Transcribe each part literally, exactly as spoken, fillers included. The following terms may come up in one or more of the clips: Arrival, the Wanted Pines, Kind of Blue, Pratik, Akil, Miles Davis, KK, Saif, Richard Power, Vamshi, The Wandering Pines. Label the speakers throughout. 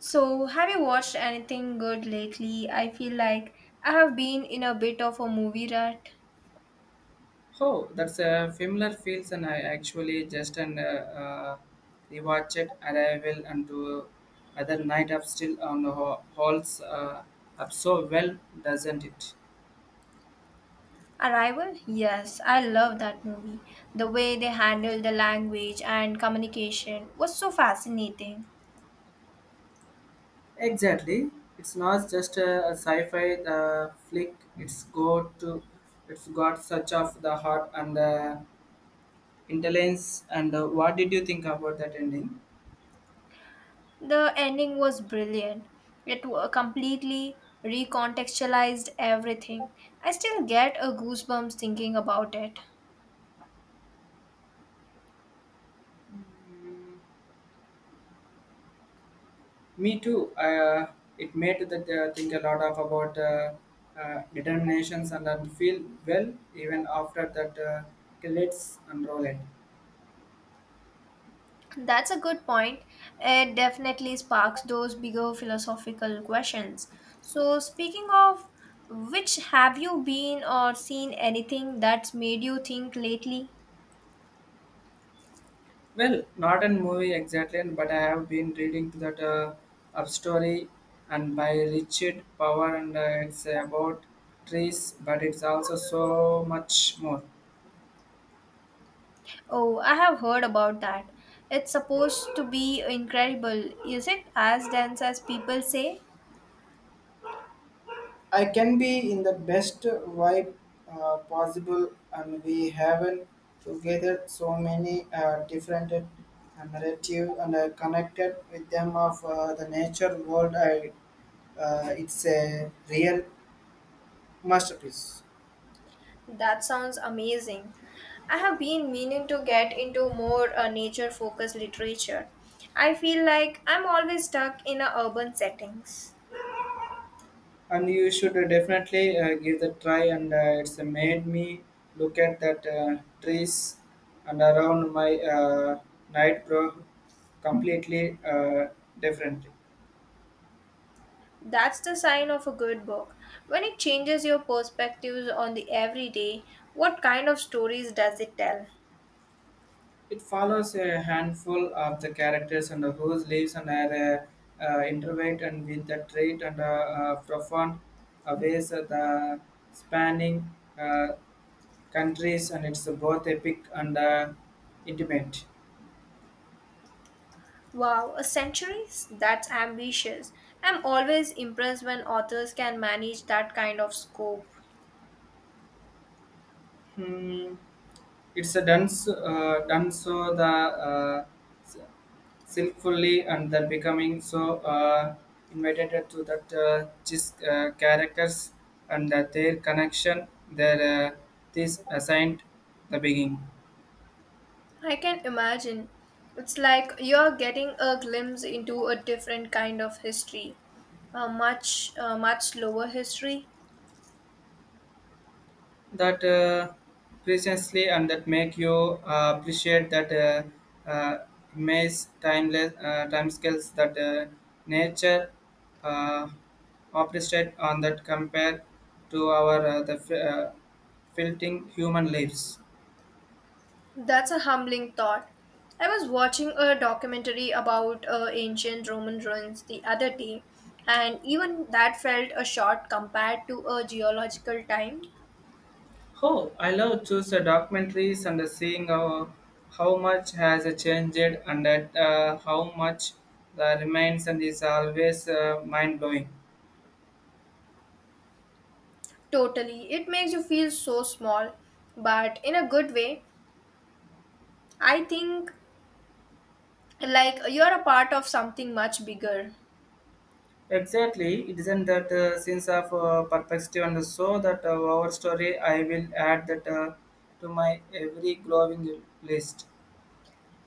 Speaker 1: So, have you watched anything good lately? I feel like I have been in a bit of a movie rut.
Speaker 2: Oh, that's a familiar feels, and I actually just and uh, uh, rewatched it, and I will and do other night up still on the ho- halls uh, up so well, doesn't it?
Speaker 1: Arrival? Yes, I love that movie. The way they handled the language and communication was so fascinating.
Speaker 2: Exactly, it's not just a, a sci-fi uh, flick. It's go to, it's got such of the heart and the intelligence. And uh, What did you think about that ending?
Speaker 1: The ending was brilliant. It wa- completely recontextualized everything. I still get a goosebumps thinking about it.
Speaker 2: Me too. Uh, it made that uh, think a lot of about uh, uh, determinations and then feel well even after that. Uh, okay, let's unroll it.
Speaker 1: That's a good point. It definitely sparks those bigger philosophical questions. So, speaking of which, have you been or seen anything that's made you think lately?
Speaker 2: Well, not a movie exactly, but I have been reading that uh, up story and by Richard Power, and uh, it's about trees, but it's also so much more.
Speaker 1: Oh, I have heard about that. It's supposed to be incredible. Is it as dense as people say?
Speaker 2: I can be in the best vibe uh, possible, and we haven't together so many uh, different uh, narrative and uh, connected with them of uh, the nature world. I, uh, it's a real masterpiece,
Speaker 1: That sounds amazing. I have been meaning to get into more uh, nature focused literature. I feel like I'm always stuck in a urban settings.
Speaker 2: and you should definitely uh, give the try. And uh, It's made me look at that uh, trees and around my uh, night grow completely uh, differently.
Speaker 1: That's the sign of a good book. When it changes your perspectives on the everyday, what kind of stories does it tell?
Speaker 2: It follows a handful of the characters and whose lives and are uh, uh, intertwined and with the trait and uh, uh, profound uh, ways of the spanning uh, countries and it's both epic and uh, intimate.
Speaker 1: Wow, a century? That's ambitious. I'm always impressed when authors can manage that kind of scope.
Speaker 2: Hmm. It's a done so, uh, done so the uh, skillfully and then becoming so uh, invited to that uh, these uh, characters and that their connection their uh, this assigned the beginning
Speaker 1: I can imagine. It's like you're getting a glimpse into a different kind of history, a much, uh, much slower history.
Speaker 2: that uh, precisely and that make you uh, appreciate that uh, uh, maze timeless uh, time scales that uh, nature uh, appreciate on that compare to our uh, the fi- uh, filtering human lives.
Speaker 1: That's a humbling thought. I was watching a documentary about uh, ancient Roman ruins the other day, and even that felt a short compared to a geological time.
Speaker 2: Oh, I love choose uh, documentaries and uh, seeing how, how much has uh, changed and that, uh, how much the remains and is always uh, mind blowing.
Speaker 1: Totally. It makes you feel so small, but in a good way. I think like you're a part of something much bigger.
Speaker 2: Exactly, it isn't that uh, sense of uh, perspective and so that uh, our story I will add that uh, to my every growing list.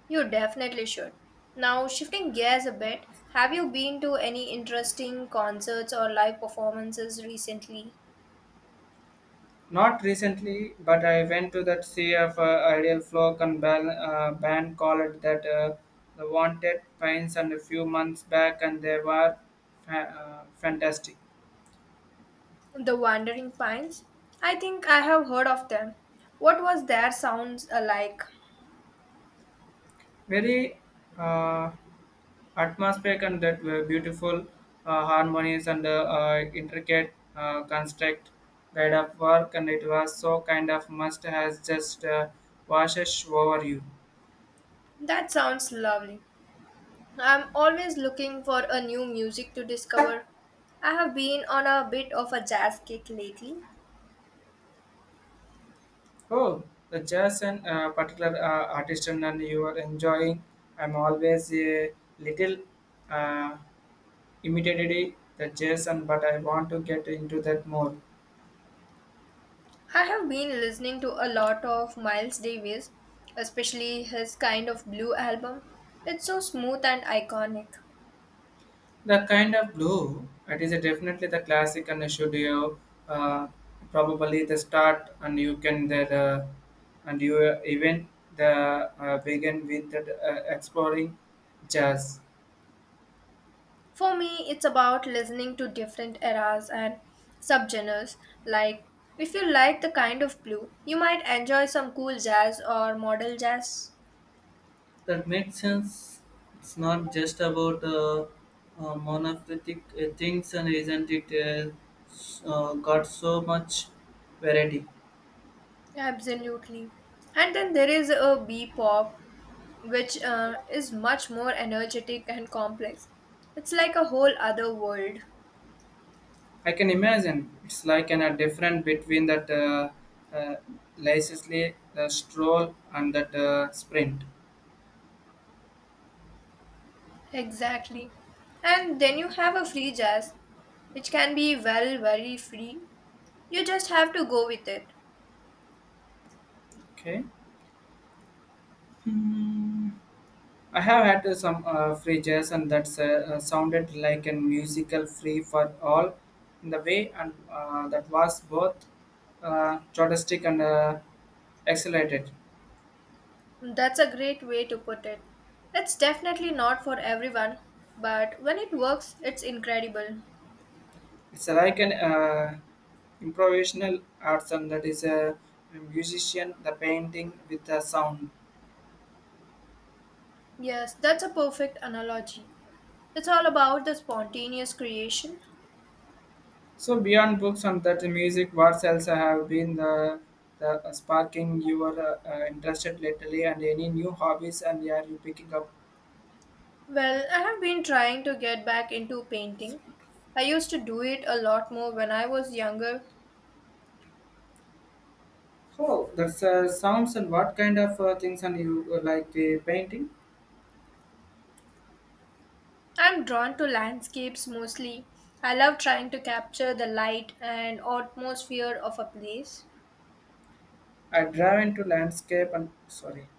Speaker 1: You definitely should. Now, shifting gears a bit, have you been to any interesting concerts or live performances recently?
Speaker 2: Not recently, but I went to that sea of uh, ideal flow and bal- uh, band called that uh, the Wanted Pines and a few months back, and they were fa- uh, fantastic.
Speaker 1: The Wandering Pines? I think I have heard of them. What was their sounds uh, like?
Speaker 2: Very uh, atmospheric and that were beautiful uh, harmonies and uh, uh, intricate uh, construct guide of work, and it was so kind of must has just uh, washes over you.
Speaker 1: That sounds lovely. I'm always looking for a new music to discover. I have been on a bit of a jazz kick lately.
Speaker 2: Oh, the jazz and uh, particular uh, artist and and you are enjoying. I'm always a little uh, imitated the jazz and but I want to get into that more.
Speaker 1: I have been listening to a lot of Miles Davis, especially his kind of blue album. It's so smooth and iconic.
Speaker 2: The kind of blue it is a definitely the classic and should you uh, probably the start and you can the, the and you uh, even the uh, begin with the uh, exploring jazz.
Speaker 1: For me, it's about listening to different eras and subgenres. Like, if you like the kind of blue, you might enjoy some cool jazz or modal jazz.
Speaker 2: That makes sense. It's not just about uh, uh, monolithic uh, things, and isn't it uh, s- uh, got so much variety?
Speaker 1: Absolutely. And then there is a bebop, which uh, is much more energetic and complex. It's like a whole other world.
Speaker 2: I can imagine it's like an, a different between that uh, uh, Leicester, the stroll, and that uh, sprint.
Speaker 1: Exactly. And then you have a free jazz, which can be well, very free. You just have to go with it.
Speaker 2: Okay. Hmm. I have had uh, some uh, free jazz, and that's uh, uh, sounded like a musical free for all in the way, and uh, that was both uh, journalistic and uh, accelerated.
Speaker 1: That's a great way to put it. It's definitely not for everyone, but when it works, it's incredible.
Speaker 2: It's like an uh, improvisational arts, and that is uh, a musician, the painting with the sound.
Speaker 1: Yes, that's a perfect analogy. It's all about the spontaneous creation.
Speaker 2: So beyond books and that music, what else have been the, the uh, sparking your uh, uh, interested lately, and any new hobbies, and are you picking up?
Speaker 1: Well, I have been trying to get back into painting. I used to do it a lot more when I was younger.
Speaker 2: Oh, that's uh, sounds and what kind of uh, things and you uh, like the painting?
Speaker 1: I'm drawn to landscapes mostly. I love trying to capture the light and atmosphere of a place.
Speaker 2: I drive into landscape and sorry,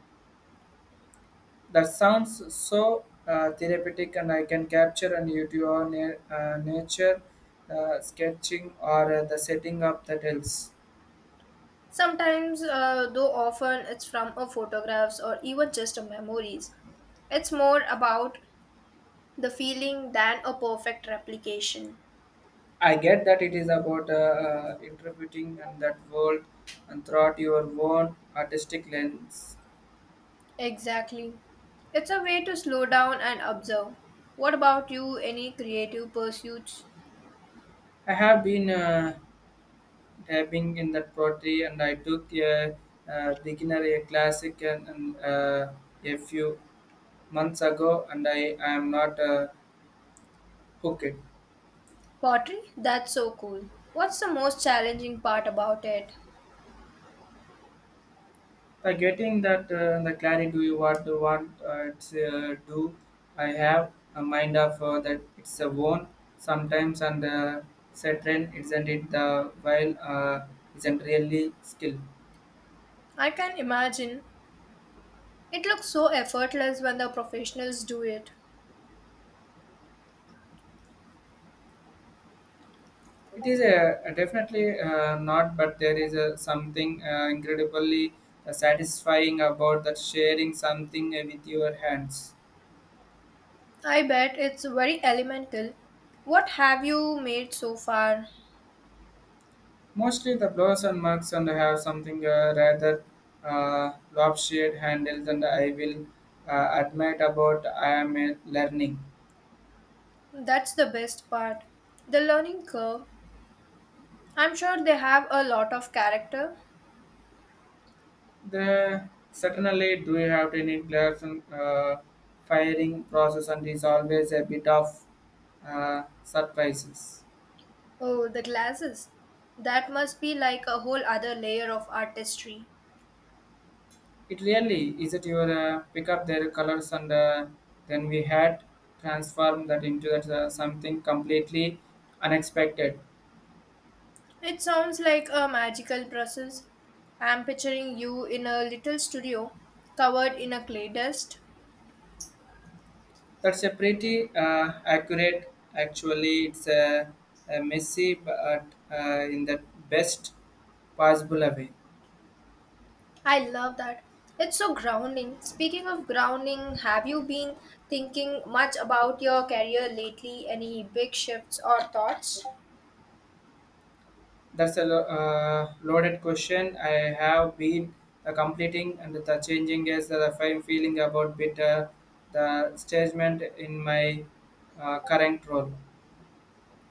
Speaker 2: that sounds so uh, therapeutic and I can capture and you do your na- uh, nature uh, sketching or uh, the setting up the hills.
Speaker 1: Sometimes, uh, though often, it's from a photographs or even just a memories. It's more about the feeling than a perfect replication.
Speaker 2: I get that it is about uh, uh, interpreting and that world and throughout your own artistic lens.
Speaker 1: Exactly. It's a way to slow down and observe. What about you? Any creative pursuits?
Speaker 2: I have been. Uh, dabbing in that pottery and I took a, uh beginner a classic and, and uh, a few months ago and I, I am not uh, hooked.
Speaker 1: Pottery? That's so cool. What's the most challenging part about it?
Speaker 2: By getting that uh, the clarity do you what you want uh, it's, uh, do I have a mind of uh, that it's a one sometimes and uh, certain isn't it the while uh, isn't really skill.
Speaker 1: I can imagine. It looks so effortless when the professionals do it.
Speaker 2: It is a, a definitely uh, not, but there is a, something uh, incredibly uh, satisfying about that sharing something uh, with your hands.
Speaker 1: I bet it's very elemental. What have you made so far?
Speaker 2: Mostly the blows and mugs and have something uh, rather uh, lopsided handles, and I will uh, admit about I am uh, learning.
Speaker 1: That's the best part. The learning curve. I'm sure they have a lot of character.
Speaker 2: The certainly do you have any gloves and uh, firing process and is always a bit of uh, surprises.
Speaker 1: Oh, the glasses. That must be like a whole other layer of artistry.
Speaker 2: It really is that you uh, pick up their colors and uh, then we had transformed that into that uh, something completely unexpected.
Speaker 1: It sounds like a magical process. I'm picturing you in a little studio covered in a clay dust.
Speaker 2: That's a pretty uh, accurate. Actually, it's a, a messy but uh, in the best possible way.
Speaker 1: I love that. It's so grounding. Speaking of grounding, have you been thinking much about your career lately? Any big shifts or thoughts?
Speaker 2: That's a lo- uh, loaded question. I have been uh, completing and the changing is that I'm feeling about bit uh, the statement in my uh, current role.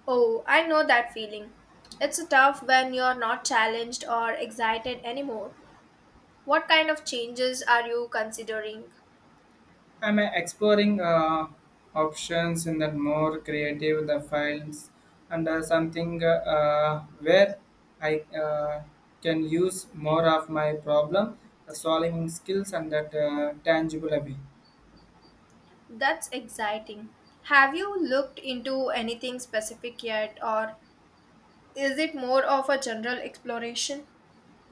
Speaker 1: Oh, I know that feeling. It's tough when you're not challenged or excited anymore. What kind of changes are you considering?
Speaker 2: I'm uh, exploring uh, options in that more creative the files and uh, something uh, uh, where I uh, can use more of my problem uh, solving skills and that uh, tangible way.
Speaker 1: That's exciting. Have you looked into anything specific yet, or is it more of a general exploration?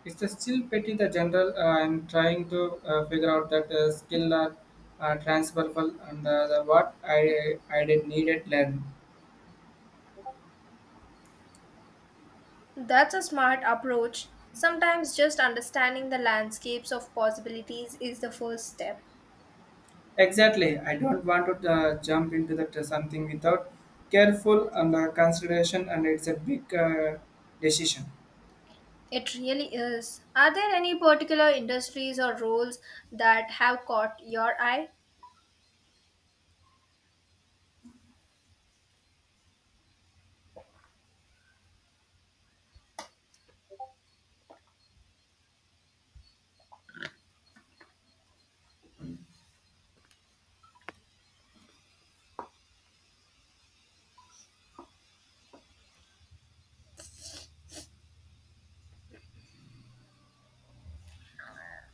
Speaker 2: It's a still pretty the general. Uh, I'm trying to uh, figure out that uh, skill are uh, transferable and uh, the what I I did needed learn.
Speaker 1: That's a smart approach. Sometimes just understanding the landscapes of possibilities is the first step.
Speaker 2: Exactly. I don't want to uh, jump into that uh, something without careful and uh, consideration, and it's a big uh, decision.
Speaker 1: It really is. Are there any particular industries or roles that have caught your eye?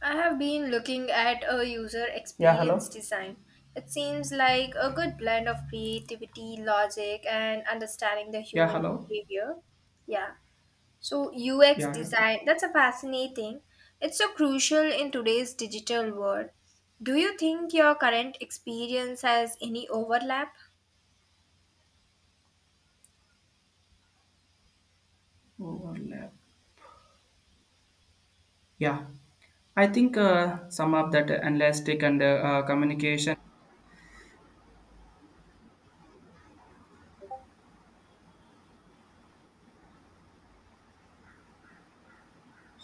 Speaker 1: I have been looking at a user
Speaker 2: Yeah,
Speaker 1: experience
Speaker 2: hello.
Speaker 1: design. It seems like a good blend of creativity, logic, and understanding the
Speaker 2: Yeah,
Speaker 1: human
Speaker 2: hello.
Speaker 1: behavior. Yeah. So, U X
Speaker 2: Yeah, okay.
Speaker 1: design, that's a fascinating. It's so crucial in today's digital world. Do you think your current experience has any overlap?
Speaker 2: Overlap. Yeah, I think uh, some of that elastic and uh, uh, communication.